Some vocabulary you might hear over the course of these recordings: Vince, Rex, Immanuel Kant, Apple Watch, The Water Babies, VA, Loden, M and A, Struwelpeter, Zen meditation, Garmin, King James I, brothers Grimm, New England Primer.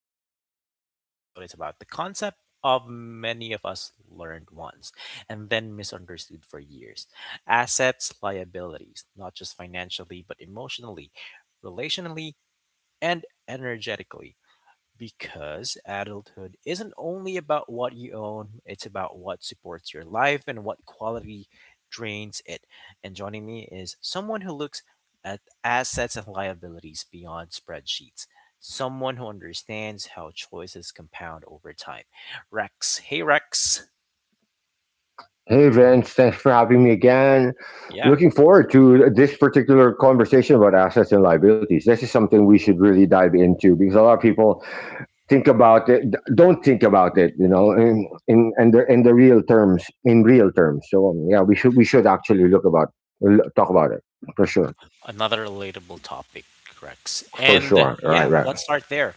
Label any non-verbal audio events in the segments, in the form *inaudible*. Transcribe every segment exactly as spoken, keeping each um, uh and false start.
with Vince. In today's episode it's about the concept of many of us learned once and then misunderstood for years. Assets, liabilities, not just financially, but emotionally, relationally, and energetically. Because adulthood isn't only about what you own, it's about what supports your life and what quality drains it. And joining me is someone who looks at assets and liabilities beyond spreadsheets, someone who understands how choices compound over time. Rex. Hey, Rex. Hey Vince, thanks for having me again. Yeah, Looking forward to this particular conversation about assets and liabilities. This is something we should really dive into because a lot of people think about it, don't think about it, you know, in in, in the in the real terms, in real terms. So um, yeah, we should we should actually look about l- talk about it for sure, another relatable topic, Rex. for And sure. Right, yeah, right. let's start there.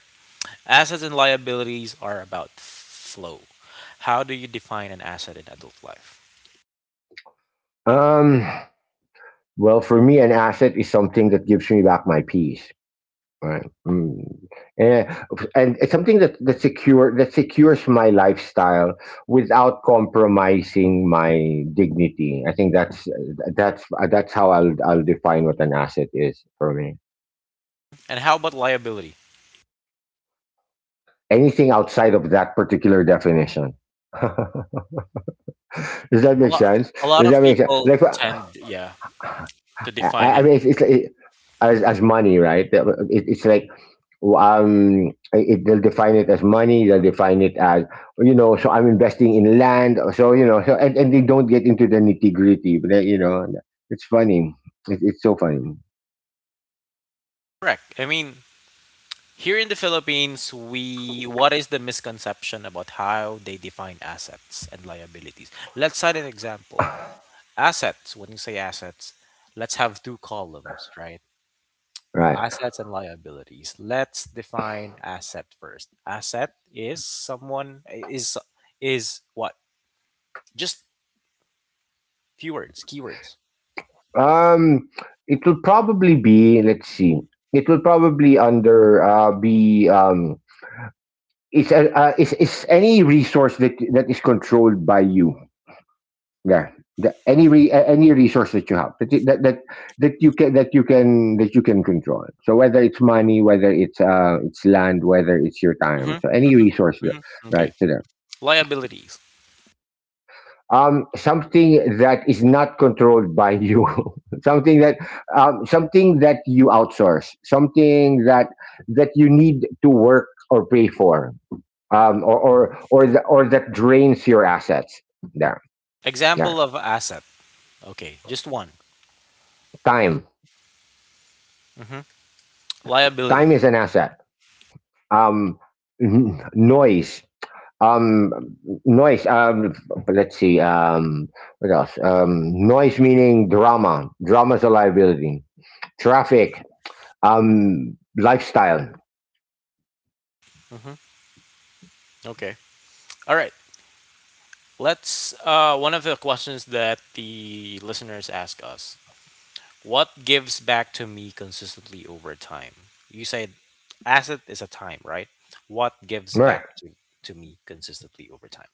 Assets and liabilities are about flow. How do you define an asset in adult life? Um, well, for me, an asset is something that gives me back my peace. Right. Mm. and And it's something that that secure that secures my lifestyle without compromising my dignity. I think that's that's that's how I'll I'll define what an asset is for me. And how about liability? Anything outside of that particular definition. *laughs* Does that A make lot, sense? a lot Does that of make sense? people Like, tend, yeah, to I, define I it. mean, it's, it's like- as as money, right? It, it's like um it, they'll define it as money, they'll define it as, you know, so I'm investing in land, so, you know, so and, and they don't get into the nitty gritty, but they, you know, it's funny, it, it's so funny. Correct. I mean, here in the Philippines, we what is the misconception about how they define assets and liabilities? Let's cite an example. *laughs* Assets. When you say assets, let's have two columns, right? Right. Assets and liabilities. Let's define asset first. Asset is someone is is what? Just few words, keywords. um it will probably be, let's see, it will probably under uh be um it's a, uh, is is any resource that that is controlled by you. Yeah, the, any re, any resource that you have that, you- that that that you can that you can that you can control, so whether it's money, whether it's uh it's land, whether it's your time, Mm-hmm, so any mm-hmm, resource that- mm-hmm. right Okay. to them. Liabilities. Um, something that is not controlled by you. *laughs* Something that, um, something that you outsource, something that that you need to work or pay for, um, or or or, the, or that drains your assets. Yeah. Yeah. Example of asset. Okay, just one. time Hmm. time Liability. is an asset. Um, n- Noise. Um, noise. Um, let's see. Um, what else? Um, noise meaning drama. Drama's a liability. Traffic. Um, lifestyle. Hmm. Okay. All right. Let's. Uh, one of the questions that the listeners ask us: what gives back to me consistently over time? You said asset is a time, right? What gives All right. back to to me consistently over time?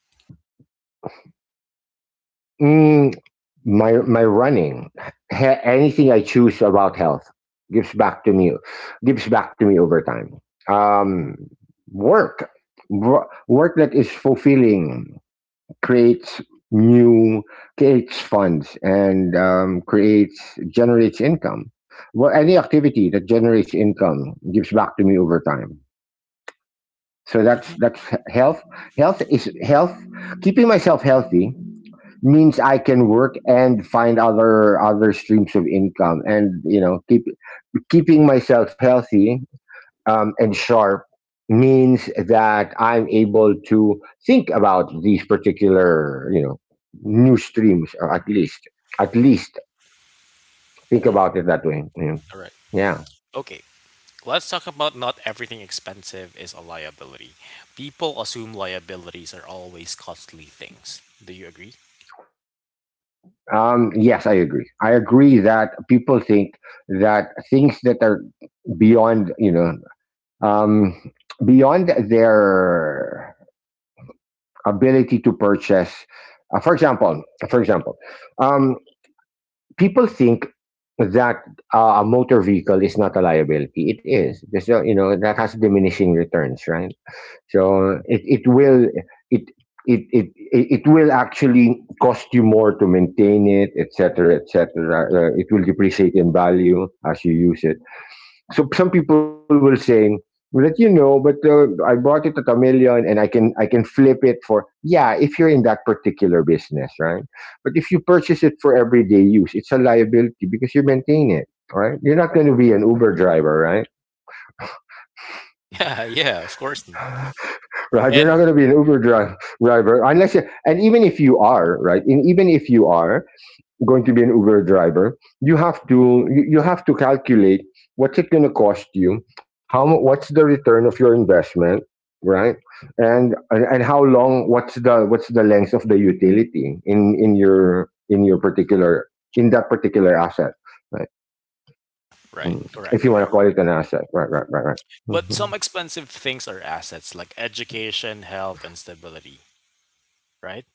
Mm, my my running. Ha- anything I choose about health gives back to me. Gives back to me over time. Um, work. Wo- Work that is fulfilling. creates new Creates funds and um, creates generates income. Well, any activity that generates income gives back to me over time. So that's that's health. Health is health keeping myself healthy means I can work and find other other streams of income, and, you know, keep keeping myself healthy, um, and sharp means that I'm able to think about these particular, you know, new streams, or at least, at least think Mm-hmm. about it that way, you know. All right. Yeah. Okay. Let's talk about not everything expensive is a liability. People assume liabilities are always costly things. Do you agree? *laughs* Um, yes, I agree. I agree that people think that things that are beyond, you know, um, beyond their ability to purchase. Uh, for example, for example, um, people think that uh, a motor vehicle is not a liability. It is. There's no- You know, that has diminishing returns, right? So it, it will it. It, it it it will actually cost you more to maintain it, et cetera, et cetera. Uh, it will depreciate in value as you use it. So some people will saying that, you know, but uh, I bought it at a million and i can I can flip it for, yeah, if you're in that particular business, right? But if you purchase it for everyday use, it's a liability because you maintain it, right? You're not going to be an Uber driver, right? Yeah, yeah, of course. N- *laughs* right, you're And not going to be an uber dri- driver, unless you, and even if you are, right, and even if you are going to be an Uber driver, you have to you you have to calculate what's it going to cost you, how mu- what's the return of your investment, right? And and how long, what's the what's the length of the utility in in your in your particular in that particular asset, right? right, Mm. correct, If you correct. want to call it an asset, right, right, right, right. But Mm-hmm. some expensive things are assets like education, health, and stability, right?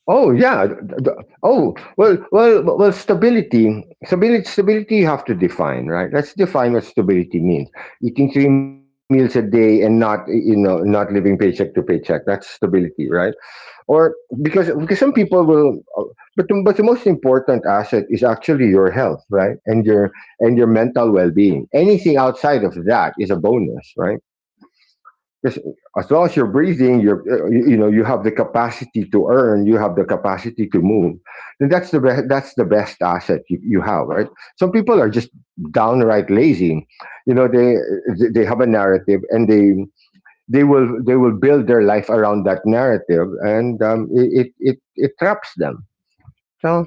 Oh yeah. d- d- Oh well, well, well. Stability, stability, stability. You have to define, right? Let's define what stability means. Eating three meals a day and not, you know, not living paycheck to paycheck. That's stability, right? Or, because because some people will, but the, but the most important asset is actually your health, right? And your, and your mental well being. Anything outside of that is a bonus, right? Because as long as you're breathing, you're uh, you know, you have the capacity to earn, you have the capacity to move, and that's the best. That's the best asset you, you have, right? Some people are just downright lazy. You know, they they have a narrative, and they they will they will build their life around that narrative, and um, it, it it it traps them. So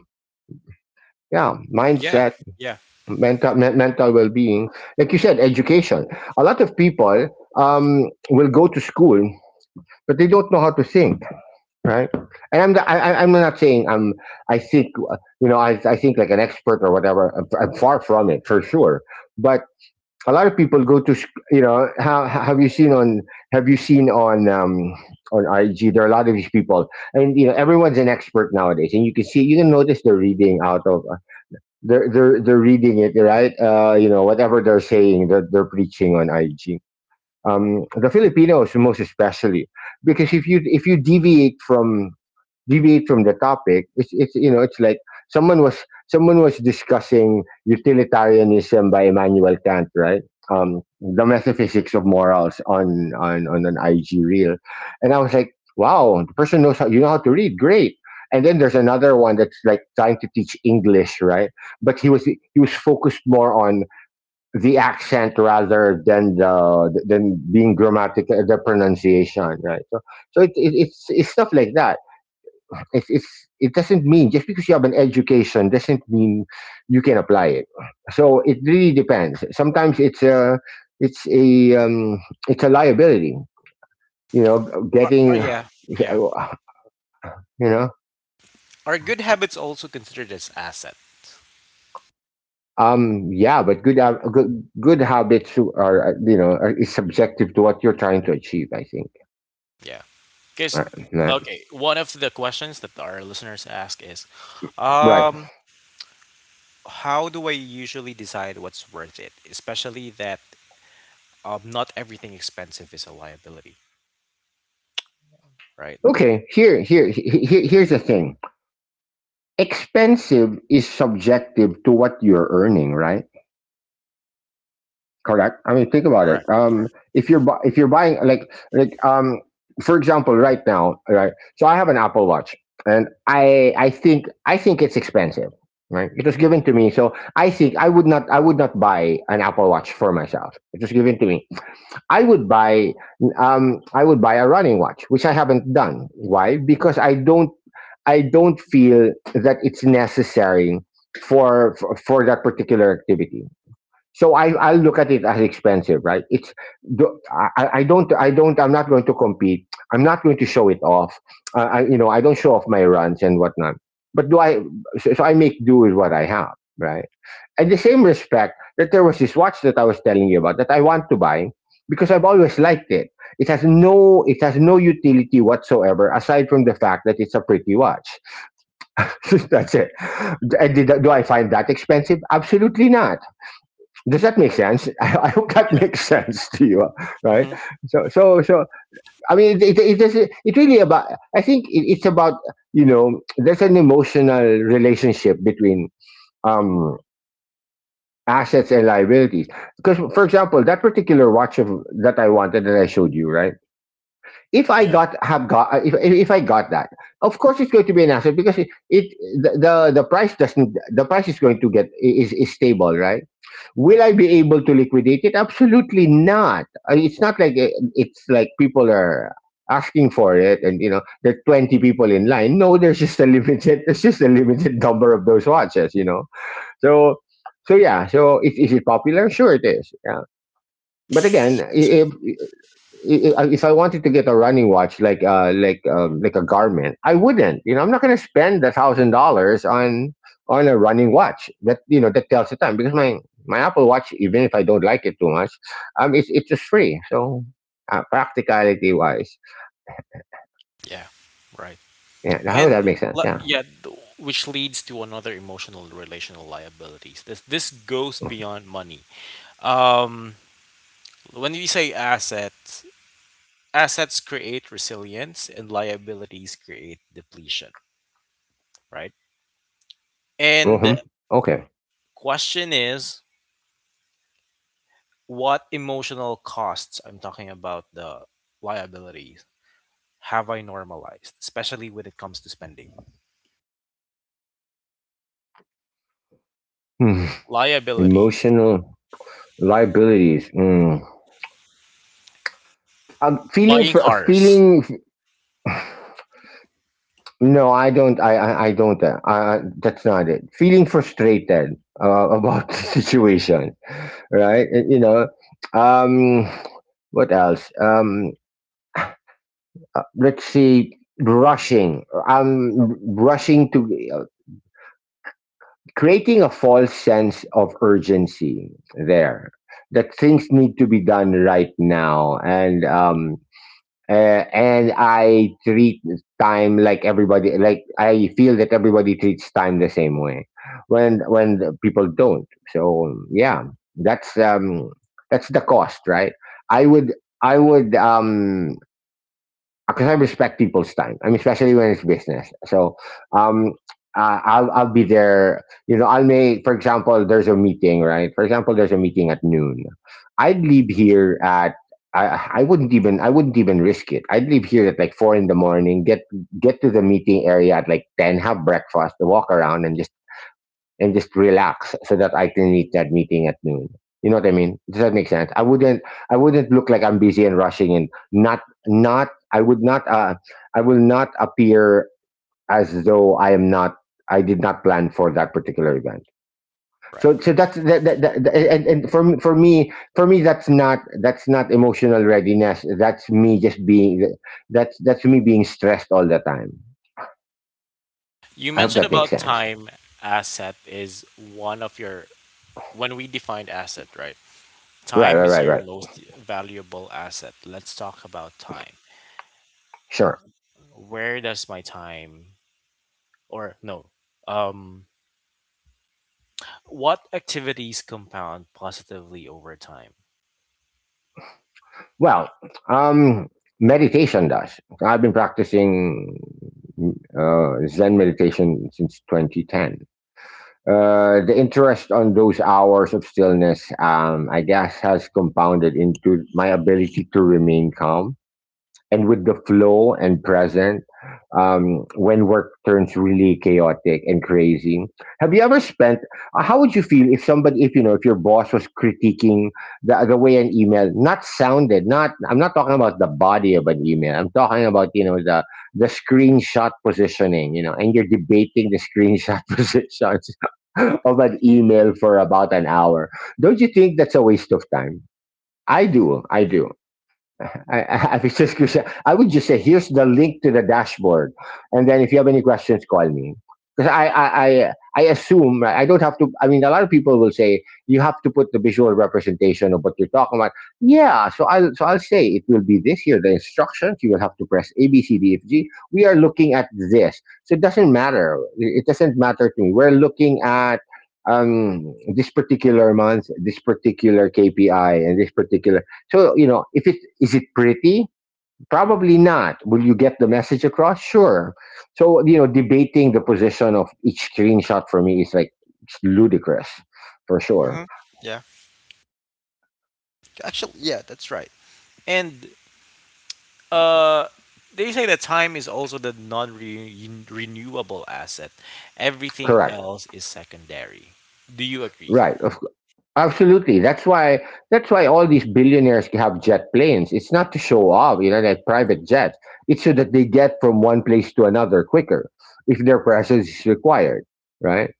yeah, Yeah, mindset, yeah. mental men- mental well being, like you said, education. A lot of people, um, will go to school, but they don't know how to think. Right? And I'm the, I, I- am not saying I'm. I think, uh, you know, I I think like an expert or whatever. I'm, I'm far from it for sure. But a lot of people go to sh- you know, how have you seen on, have you seen on, um, on I G, there are a lot of these people, and, you know, everyone's an expert nowadays, and you can see, you can notice they're reading out of, they're they're they're reading it right, uh you know, whatever they're saying, they're, they're preaching on I G, um, the Filipinos most especially, because if you, if you deviate from deviate from the topic, it's it's you know, it's like someone was, someone was discussing utilitarianism by Immanuel Kant, right, um, the metaphysics of morals on on on an I G reel, and I was like, wow, the person knows how, you know, how to read, great. And then there's another one that's like trying to teach English, right? But he was he was focused more on the accent rather than the than being grammatical, the pronunciation, right? So so it, it, it's it's stuff like that. It's, it's, it doesn't mean, just because you have an education doesn't mean you can apply it. So it really depends. Sometimes it's a it's a um, it's a liability. You know, Are, are, getting yeah, yeah. you know Are good habits also considered as asset? um yeah, but good hab- good good habits are, uh, you know, are, is subjective to what you're trying to achieve. I think. Yeah. Because, Uh, nah. okay, one of the questions that our listeners ask is, Right. um, how do I usually decide what's worth it? Especially that um, not everything expensive is a liability, right? Okay, here here he- he- here's the thing. Expensive is subjective to what you're earning, right? Correct. I mean, think about it. Correct. Um, Correct. if you're bu- if you're buying like, like um, for example, right now, right. So I have an Apple Watch, and I I think I think it's expensive. Right. It was given to me, so I think I would not, I would not buy an Apple Watch for myself. It was given to me. I would buy, um I would buy a running watch, which I haven't done. Why? Because I don't I don't feel that it's necessary for for, for that particular activity. So I I look at it as expensive, right? It's do- I, I don't, I don't I'm not going to compete. I'm not going to show it off. Uh, I, you know, I don't show off my runs and whatnot. But do I? So, so I make do with what I have, right? At the same respect, that there was this watch that I was telling you about that I want to buy because I've always liked it. It has no, it has no utility whatsoever aside from the fact that it's a pretty watch. *laughs* That's it. And did, do I find that expensive? Absolutely not. Does that make sense? *laughs* I, I hope that *laughs* Yeah. makes sense to you, right? Hmm. So, so, so. I mean, it it, it, is, it really about. I think it, it's about, you know, there's an emotional relationship between, um, assets and liabilities. Because, for example, that particular watch of, that I wanted that I showed you, right? If I Yeah. got have got if if I got that, of course it's going to be an asset because it, it, the, the the price doesn't the price is going to get, is is stable, right? Will I be able to liquidate it? Absolutely not. I mean, it's not like, uh, it's like people are asking for it, and, you know, there are twenty people in line. No, there's just a limited, there's just a limited number of those watches, you know. So, so yeah, so is, is it popular? Sure it is. Yeah. But again, if i- if I wanted to get a running watch, like, uh, like um, like a Garmin, I wouldn't. You know, I'm not going to spend a thousand dollars on on a running watch. That you know that tells the time because my my Apple Watch, even if I don't like it too much, um, it's it's just free. So uh, practicality wise, Yeah, right. yeah, how would And that make sense? le- Yeah. yeah, th- which leads to another emotional relational liabilities. This this goes beyond money. Um, when we say assets, assets create resilience, and liabilities create depletion, right? And Hmm. the Okay. question is, what emotional costs I'm talking about the liabilities have I normalized, especially when it comes to spending. Hmm. Liabilities, Emotional liabilities. Mm. Um, feeling buying fr- cars, feeling. No, I don't. I I, I don't. Uh, I, that's not it. Feeling frustrated uh, about *laughs* the situation, right? Uh, You know, um, what else? Um, uh, let's see. Rushing. Um, r- rushing to uh, creating a false sense of urgency. There, that things need to be done right now, and um, uh, and I treat time like everybody. Like I feel that everybody treats time the same way, when when the people don't. So yeah, that's um, that's the cost, right? I would I would um, because I respect people's time. I mean, especially when it's business. So, um, uh, I'll I'll be there. You know, I'll make. For example, there's a meeting, right? For example, there's a meeting at noon. I'd leave here at. I, I wouldn't even I wouldn't even risk it. I'd leave here at like four in the morning, get get to the meeting area at like ten, have breakfast, walk around, and just and just relax so that I can meet that meeting at noon. You know what I mean? Does that make sense? I wouldn't I wouldn't look like I'm busy and rushing and not not I would not uh I will not appear as though I am not I did not plan for that particular event. So right? so that's that, that, that and, and for me- for me for me that's not that's not emotional readiness. That's me just being that's that's me being stressed all the time. You I hope mentioned that makes about sense. time asset is one of your when we defined asset, right? Right, Time right, is right, your right. most valuable asset. Let's talk about time. Sure. Where does my time or no? Um what activities compound positively over time? Well, um, meditation does. I've been practicing uh, Zen meditation since twenty ten. Uh, the interest on those hours of stillness, um, I guess, has compounded into my ability to remain calm and with the flow and present, um, when work turns really chaotic and crazy. Have you ever spent, uh, how would you feel if somebody, if you know, if your boss was critiquing the, the way an email not sounded, not, I'm not talking about the body of an email. I'm talking about, you know, the the screenshot positioning, you know, and you're debating the screenshot *laughs* positions of an email for about an hour. Don't you think that's a waste of time? I do i do *laughs* I, I, I was just gonna say- I would just say, here's the link to the dashboard, and then if you have any questions, call me. Because I, I, I, I assume, right? I don't have to. I mean, a lot of people will say you have to put the visual representation of what you're talking about. Yeah, so I'll, so I'll say it will be this here. The instructions, you will have to press A, B, C, D, F, G. We are looking at this, so it doesn't matter. It doesn't matter to me. We're looking at um this particular month, this particular kpi, and this particular. So you know, if it is it pretty? Probably not. Will you get the message across? Sure. So you know, debating the position of each screenshot for me is like, it's ludicrous, for sure. Hmm. Yeah, actually, yeah, that's right. And uh, they say that time is also the non-renewable asset. Everything Correct. else is secondary. Do you agree? Right. Of, cou- absolutely. That's why. That's why all these billionaires have jet planes. It's not to show off, you know, like private jets. It's so that they get from one place to another quicker if their presence is required. Right.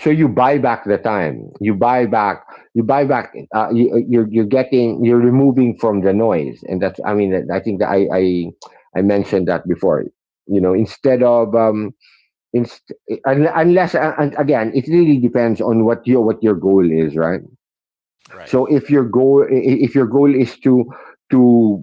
So you buy back the time. You buy back you buy back uh, you, uh, you're you're getting, you're removing from the noise. And that's, I mean, I think that i i, I mentioned that before, you know, instead of, um inst- un- unless, uh, and again, it really depends on what your what your goal is, right? Right. So if your goal, if your goal is to, to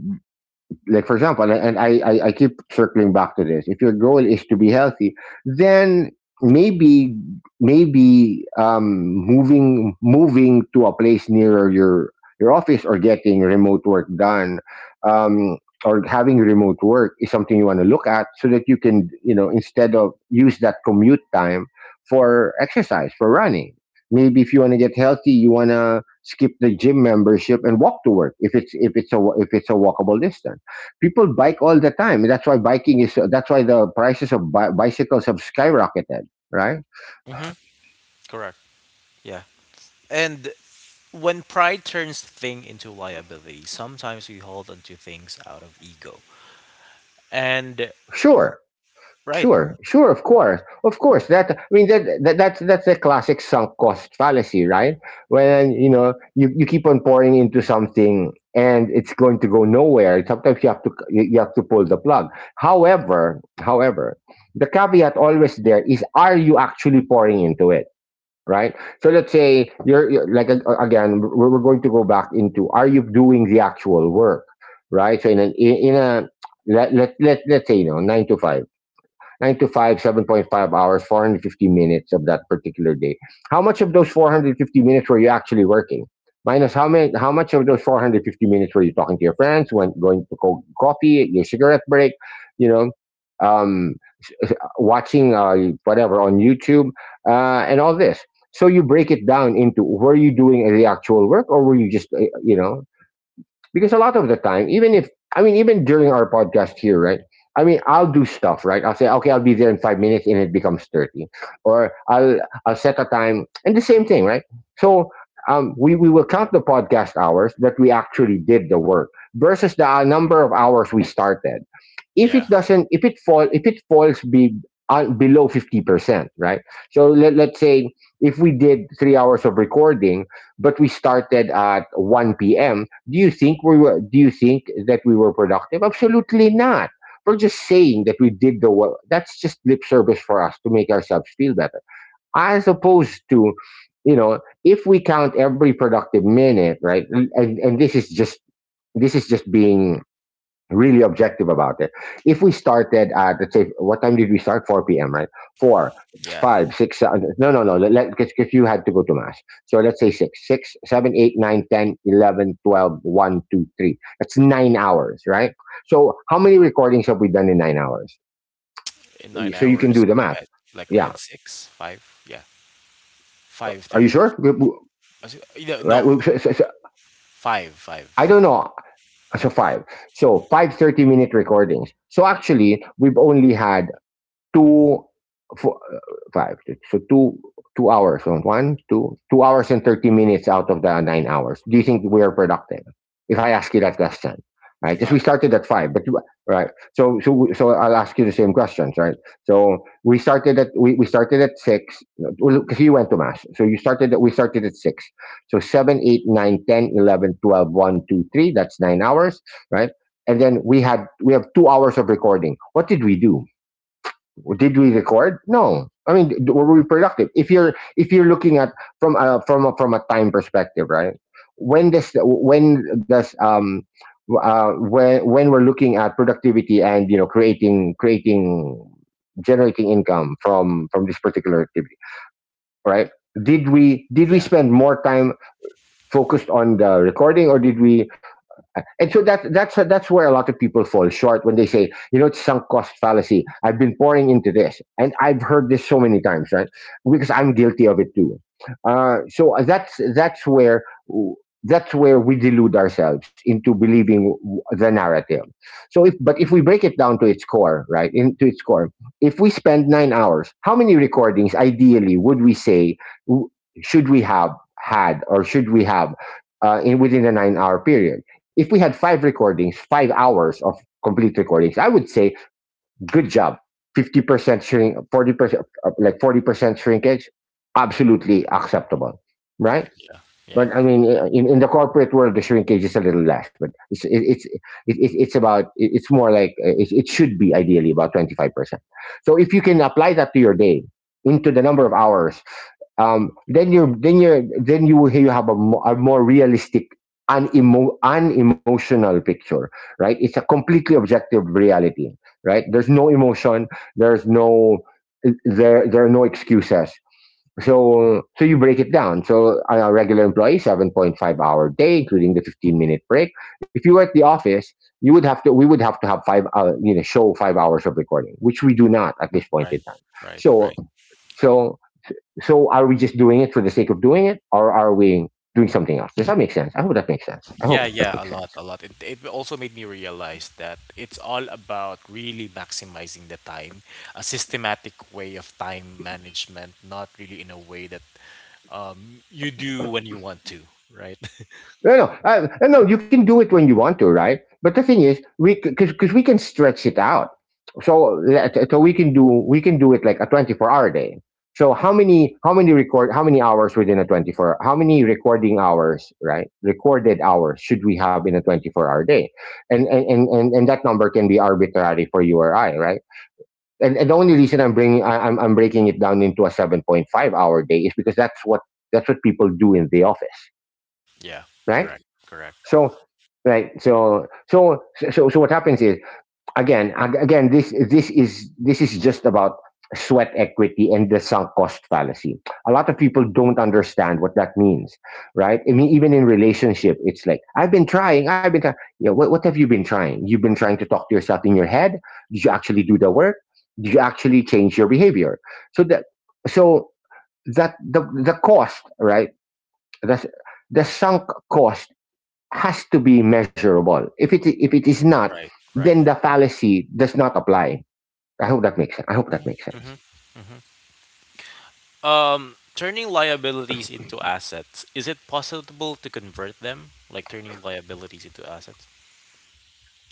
like for example, and I, I, I keep circling back to this. If your goal is to be healthy, then maybe, maybe um, moving moving to a place nearer your your office, or getting remote work done, um, or having remote work is something you want to look at so that you can, you know, instead of use that commute time for exercise, for running. Maybe if you want to get healthy, you want to skip the gym membership and walk to work if it's, if it's a if it's a walkable distance. People bike all the time. That's why biking is. That's why the prices of bi- bicycles have skyrocketed. Right? Mm-hmm. Correct. Yeah. And when pride turns thing into liability, sometimes we hold onto things out of ego. And Sure, right. sure, sure. Of course, of course. That I mean that, that that's that's a classic sunk cost fallacy, right? When you know, you, you keep on pouring into something and it's going to go nowhere. Sometimes you have to, you you have to pull the plug. However, however, the caveat always there is: are you actually pouring into it? Right? So let's say you're, you're- like uh, again, we're, we're going to go back into: are you doing the actual work, right? So in an in a let let let let's say, you know, nine to five, nine to five, seven point five hours, four hundred fifty minutes of that particular day. How much of those four hundred fifty minutes were you actually working? Minus how many, how much of those four hundred fifty minutes were you talking to your friends, went going to co- coffee, your cigarette break, you know, um, watching uh, whatever on YouTube, uh, and all this. So you break it down into, were you doing the actual work, or were you just, uh, you know because a lot of the time, even if, I mean, even during our podcast here, right? I mean, I'll do stuff, right? I'll say, okay, I'll be there in five minutes, and it becomes thirty, or I'll I'll set a time, and the same thing, right? So um, we we will count the podcast hours that we actually did the work versus the uh, number of hours we started. If Yeah. it doesn't, if it fall if it falls be-, uh, below fifty percent, right? So let, let's say, if we did three hours of recording, but we started at one p.m., do you think we were, do you think that we were productive? Absolutely not. We're just saying that we did the work. That's just lip service for us to make ourselves feel better, as opposed to, you know, if we count every productive minute, right? and, and this is just this is just being really objective about it. If we started at, let's say, what time did we start? Four p.m., right? Four, Yeah. five, six, seven. No, no, no. Let, because you had to go to mass. So let's say six, six, seven, eight, nine, ten, eleven, twelve, one, two, three. That's nine hours, right? So how many recordings have we done in nine hours? In nine So you can hours, do the we math. had like we Yeah. had six, five. Yeah. Five Are you thirty. sure? No, Right. no, so- so- so- five, I don't five. know. So five. So five minute recordings. So actually, we've only had two, four, uh, five, six. So two, two hours on one, two, two hours and thirty minutes out of the nine hours. Do you think we are productive, if I ask you that question, right? Because we Not. started at five, but right. So so so I'll ask you the same questions, right? So we started at, we, we started at six, because you went to mass, so you started at, we started at six. So seven, eight, nine, ten, eleven, twelve, one, two, three. That's nine hours, right? And then we had, we have two hours of recording. What did we do? Did we record? No, I mean, d- were we productive if you're, if you're looking at from a from a from a time perspective, right? When does, when does, um uh when when we're looking at productivity, and you know, creating, creating generating income from from this particular activity, right? Did we, did we Yeah. spend more time focused on the recording, or did we? And so that, that's that's where a lot of people fall short when they say, you know, it's sunk cost fallacy. I've been pouring into this, and I've heard this so many times, right? Because I'm guilty of it too. Uh, so that's, that's where that's where we delude ourselves into believing the narrative. So if, but if we break it down to its core, right, into its core, if we spend nine hours, how many recordings ideally would we say should we have had, or should we have, uh, in within a nine hour period? If we had five recordings, five hours of complete recordings, I would say good job. fifty percent shrink, forty percent, uh, like forty percent shrinkage, absolutely acceptable, right? Yeah. Yeah. But I mean, uh, in, in the corporate world, the shrinkage is a little less, but it's it, it's it, it, it's about it's more like uh, it, it should be ideally about twenty five percent. So if you can apply that to your day, into the number of hours, um, then you then you then you will you have a, mo- a more realistic unemo- unemotional picture, right? It's a completely objective reality, right? There's no emotion. There's no— there there are no excuses. So so you break it down. So on a regular employee seven point five hour day, including the fifteen minute break, if you were at the office, you would have to we would have to have five uh, you know, show five hours of recording, which we do not at this point in Right, time. right, so right. so so are we just doing it for the sake of doing it, or are we doing something else? Does that make sense? I hope that makes sense. I Yeah, hope that yeah, makes a sense. lot, a lot. It, it also made me realize that it's all about really maximizing the time, a systematic way of time management, not really in a way that um you do when you want to, right? *laughs* No, no, uh, no. You can do it when you want to, right? But the thing is, we because because we can stretch it out. So so we can do we can do it like a twenty four hour day. So how many how many record how many hours within a twenty four how many recording hours, right, recorded hours, should we have in a twenty four hour day, and, and and and that number can be arbitrary for you or I, right? And, and the only reason I'm bringing I, I'm I'm breaking it down into a seven point five hour day is because that's what— that's what people do in the office, Yeah, right? correct, correct. So, right so so so so what happens is, again, again this this is this is just about sweat equity and the sunk cost fallacy. A lot of people don't understand what that means, right? I mean, even in relationship, it's like, i've been trying i've been trying Yeah, what, what have you been trying? You've been trying to talk to yourself in your head. Did you actually do the work? Did you actually change your behavior, so that— so that the— the cost, right? That's the sunk cost has to be measurable. If it— if it is not, Right, then right. the fallacy does not apply. I hope that makes sense. I hope that makes Hmm. sense. Hmm. Hmm. Um, turning liabilities into assets, is it possible to convert them? Like turning liabilities into assets?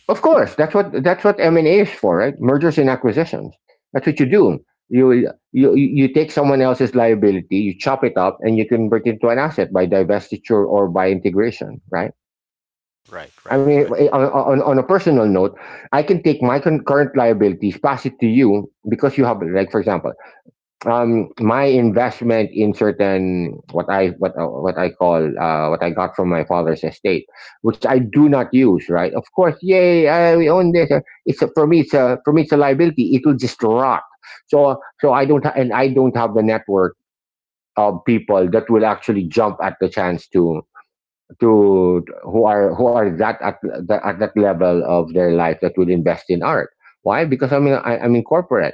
Of course, that's what that's what M and A is for, right? Mergers and acquisitions. That's what you do. You you you take someone else's liability, you chop it up, and you convert it to an asset by divestiture or by integration, right? Right, right, I mean, right, on, on, on a personal note, I can take my current liabilities, pass it to you because you have, like, for example, um my investment in certain— what i what uh, what I call uh what I got from my father's estate, which I do not use, right? Of course. Yay, I, we own this, uh, it's a— for me it's a— for me it's a liability, it will just rot. So so I don't ha- and I don't have the network of people that will actually jump at the chance to— to who are who are that at, that at that level of their life that will invest in art. Why? Because i'm in I, I'm in corporate,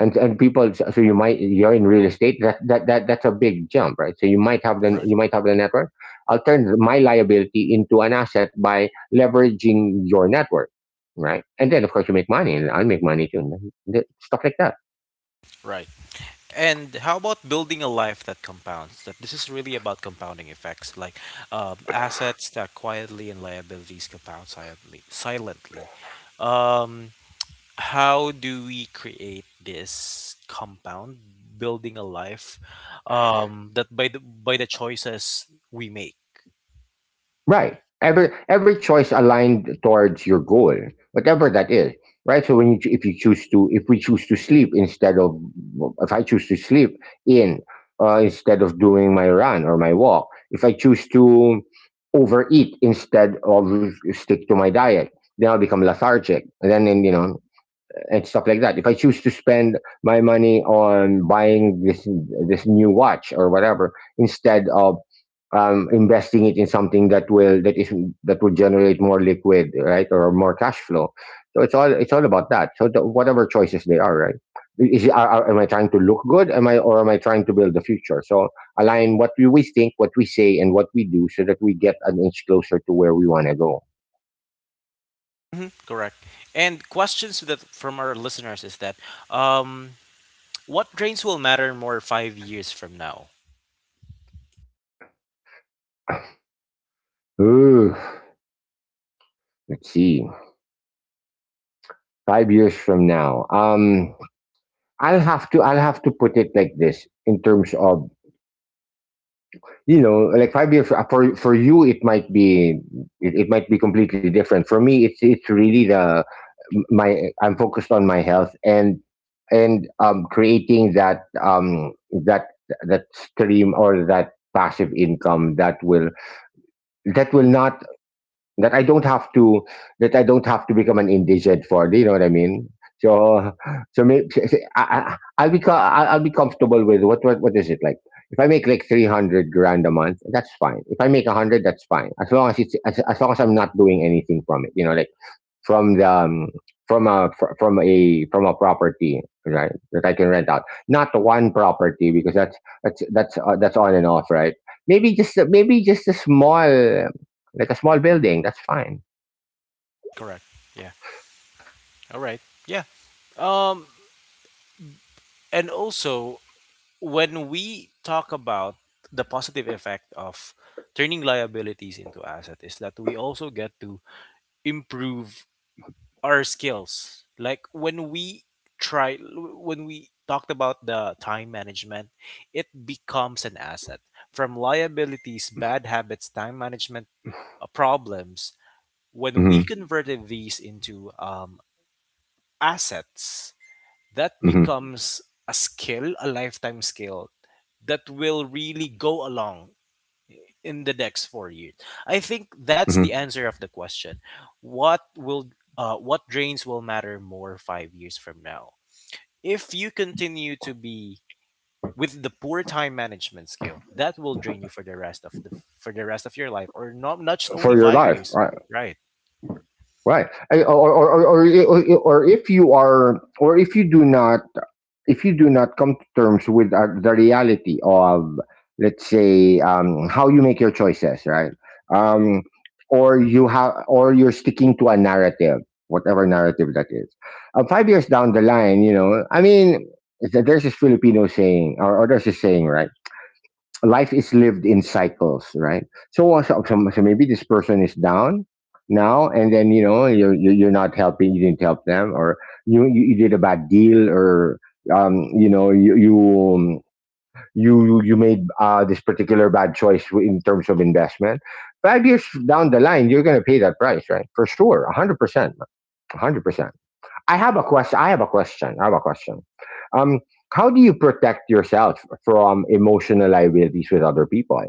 and— and people, so so you might— you're in real estate, that that, that that's a big jump, right? So you might have the— right, you might have the network. I'll turn my liability into an asset by leveraging your network, right? And then of course you make money and I'll make money too, and stuff like that. right. And how about building a life that compounds? That this is really about compounding effects, like um, assets that quietly and liabilities compound silently. Silently, um, how do we create this compound, building a life um, that by the by the choices we make? Right, Every every choice aligned towards your goal, whatever that is. Right. So when you ch- if you choose to— if we choose to sleep instead of— if I choose to sleep in, uh, instead of doing my run or my walk, if I choose to overeat instead of stick to my diet, then I'll become lethargic. And then— then, you know, and stuff like that. If I choose to spend my money on buying this— this new watch or whatever instead of, um, investing it in something that will— that is— that will generate more liquid, right, or more cash flow. So it's all— it's all about that. So the— whatever choices they are, right. Is are— are— am I trying to look good? Am I— or am I trying to build the future? So align what we— we think, what we say, and what we do, so that we get an inch closer to where we want to go. Mhm, correct. And questions that from our listeners is that um, what drains will matter more five years from now? Ooh, let's see. Five years from now, um, I'll have to I'll have to put it like this in terms of, you know, like five years, uh, for— for you it might be— it, it might be completely different. For me, it's— it's really the— my— I'm focused on my health and— and um creating that, um that— that stream or that passive income that will— that will not— that I don't have to— that I don't have to become an indigent for. Do you know what I mean? So so maybe I I I'll be co- I'll I'll be comfortable with— what— what— what is it like? If I make like three hundred grand a month, that's fine. If I make a hundred, that's fine. As long as it's— as, as long as I'm not doing anything from it, you know, like from the, um, from a fr- from a— from a property, right, that I can rent out, not the one property, because that's— that's— that's uh, that's on and off, right? Maybe just a- maybe just a small— like a small building, that's fine. Correct. Yeah. All right. Yeah. Um, And also, when we talk about the positive effect of turning liabilities into asset is that we also get to improve our skills. Like when we try when we talked about the time management, it becomes an asset. From liabilities, bad habits, time management uh, problems, when Hmm. we converted these into um, assets, that Hmm. becomes a skill, a lifetime skill that will really go along in the next four years. I think that's the Hmm. answer of the question. What will uh, what drains will matter more five years from now? If you continue to be with the poor time management skill, that will drain you for the rest of the for the rest of your life, or not not just only For your five life, years. right? Right. Right. And— Or, or, or, or, or if you are, or if you do not— if you do not come to terms with uh, the reality of, let's say, um, how you make your choices, right? Um, or you have, or you're sticking to a narrative, whatever narrative that is. Uh, five years down the line, you know, I mean, th- there's this Filipino saying, or— or there's a saying, right? Life is lived in cycles, right? So, uh, so, so so maybe this person is down now, and then, you know, you're you're you're not helping, you didn't help them, or you you, you did a bad deal, or, um, you know, you you um, you you made uh, this particular bad choice in terms of investment. Five years down the line, you're going to pay that price, right? For sure, hundred percent, hundred percent. I have a question. I have a question. I have a question. Um, how do you protect yourself from emotional liabilities with other people?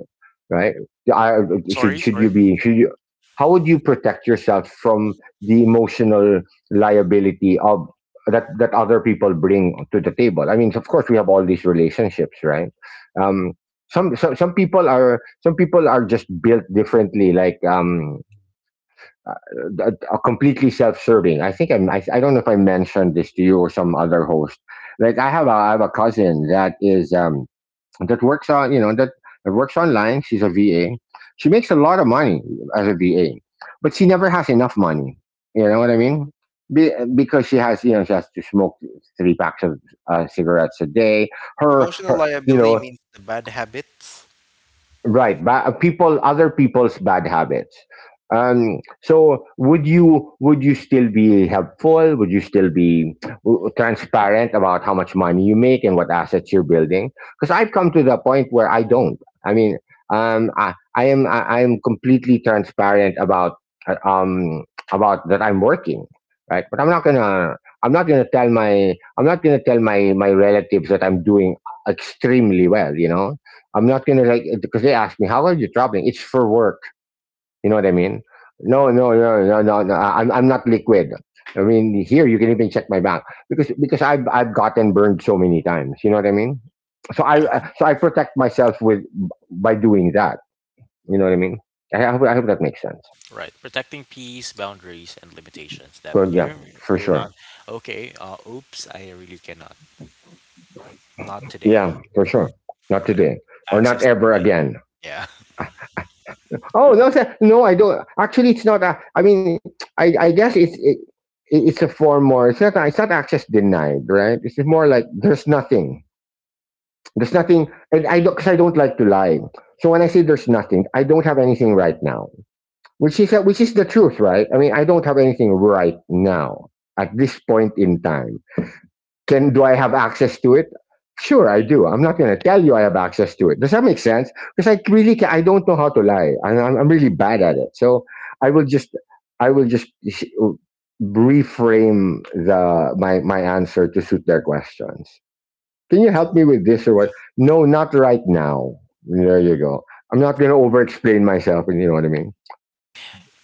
Right? I— should Sorry, should you sorry. be should you— how would you protect yourself from the emotional liability of— that— that other people bring to the table? I mean, of course, we have all these relationships, right? Um, some some some people are— some people are just built differently. Like, um, uh, uh, completely self-serving. I think I'm— I, I don't know if I mentioned this to you or some other host. Like, I have a— I have a cousin that is, um, that works on, you know, that— that works online. She's a V A. She makes a lot of money as a V A, but she never has enough money. You know what I mean? Be, because she has, you know, she has to smoke three packs of uh, cigarettes a day. Her— Emotional her, you liability know— means the bad habits. Right, ba- people, other people's bad habits. Um, so would you— would you still be helpful? Would you still be w- transparent about how much money you make and what assets you're building? Because I've come to the point where I don't. I mean, um, I, I am— I, I am completely transparent about uh, um about that I'm working, right? But I'm not gonna— I'm not gonna tell my— I'm not gonna tell my— my relatives that I'm doing extremely well, you know. I'm not gonna, like, because they asked me, how are you traveling? It's for work. You know what I mean? No, no, no, no, no, no. I'm— I'm not liquid. I mean, here you can even check my bank, because because I've— I've gotten burned so many times. You know what I mean? So I— uh, so I protect myself with— by doing that. You know what I mean? I hope— I hope that makes sense. Right, protecting peace, boundaries, and limitations that But yeah, you're for you're not sure. okay. Uh, oops, I really cannot. Not today. Yeah, for sure. Not Right, today, or not access ever denied. again. Yeah, Oh no, sir. No, I don't. Actually, it's not. A, I mean, I, I guess it's— it, it— it's a form more. It's not— it's not access denied, right? It's more like there's nothing. There's nothing, and I don't— because I don't like to lie. So when I say there's nothing, I don't have anything right now, which is— which is the truth, right? I mean, I don't have anything right now at this point in time. Can— do I have access to it? Sure, I do. I'm not going to tell you I have access to it. Does that make sense? Because I really ca I don't know how to lie. I'm, I'm really bad at it. So I will just— I will just reframe the— my my answer to suit their questions. Can you *laughs* help cool. me with this or what? Yeah, No, not right now. There you go. I'm not going to over explain myself. You know what I mean?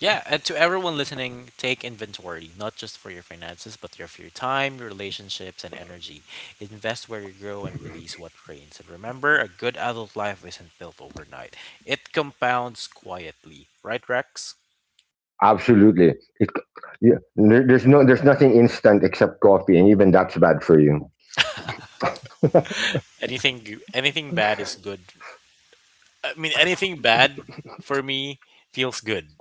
yeah. And to everyone listening, take inventory not just for your finances, but your for your time, your relationships, and energy. Invest where you grow and release what drains. And remember, a good adult life isn't built overnight. It compounds quietly. Right, Rex? Absolutely. Yeah, there— there's no— there's nothing instant except coffee, and even that's bad for you. Anything anything bad is good, I mean, anything bad for me feels good.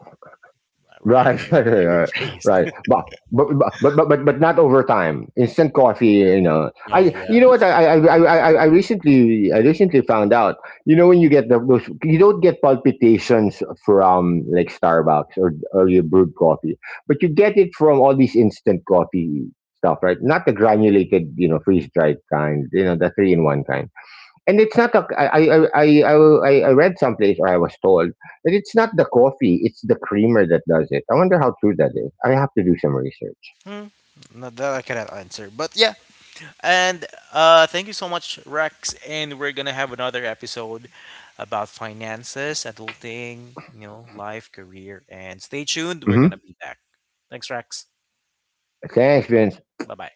I, re- I, I Right, *laughs* right, re- right, I right. rephrased. *laughs* But, but but but but but not over time. Instant coffee, you know. Oh I— you yeah. know what— for- I I I I, I I recently I recently found out. You know when you get the those, you don't get palpitations from like Starbucks or— or your brewed coffee, but you get it from all these instant coffee stuff, right? Not the granulated, you know, freeze dried kind. You know, the three in one kind. And it's not a— I, I, I, I, I I read someplace or I was told that it's not the coffee, it's the creamer that does it. I wonder how true that is. I have to do some research. Hmm. Not that I cannot answer, but yeah. And uh, thank you so much, Rex. And we're gonna have another episode about finances, adulting, you know, life, career, and stay tuned. We're gonna Hmm. be back. Thanks, Rex. Thanks, Vince. Bye bye.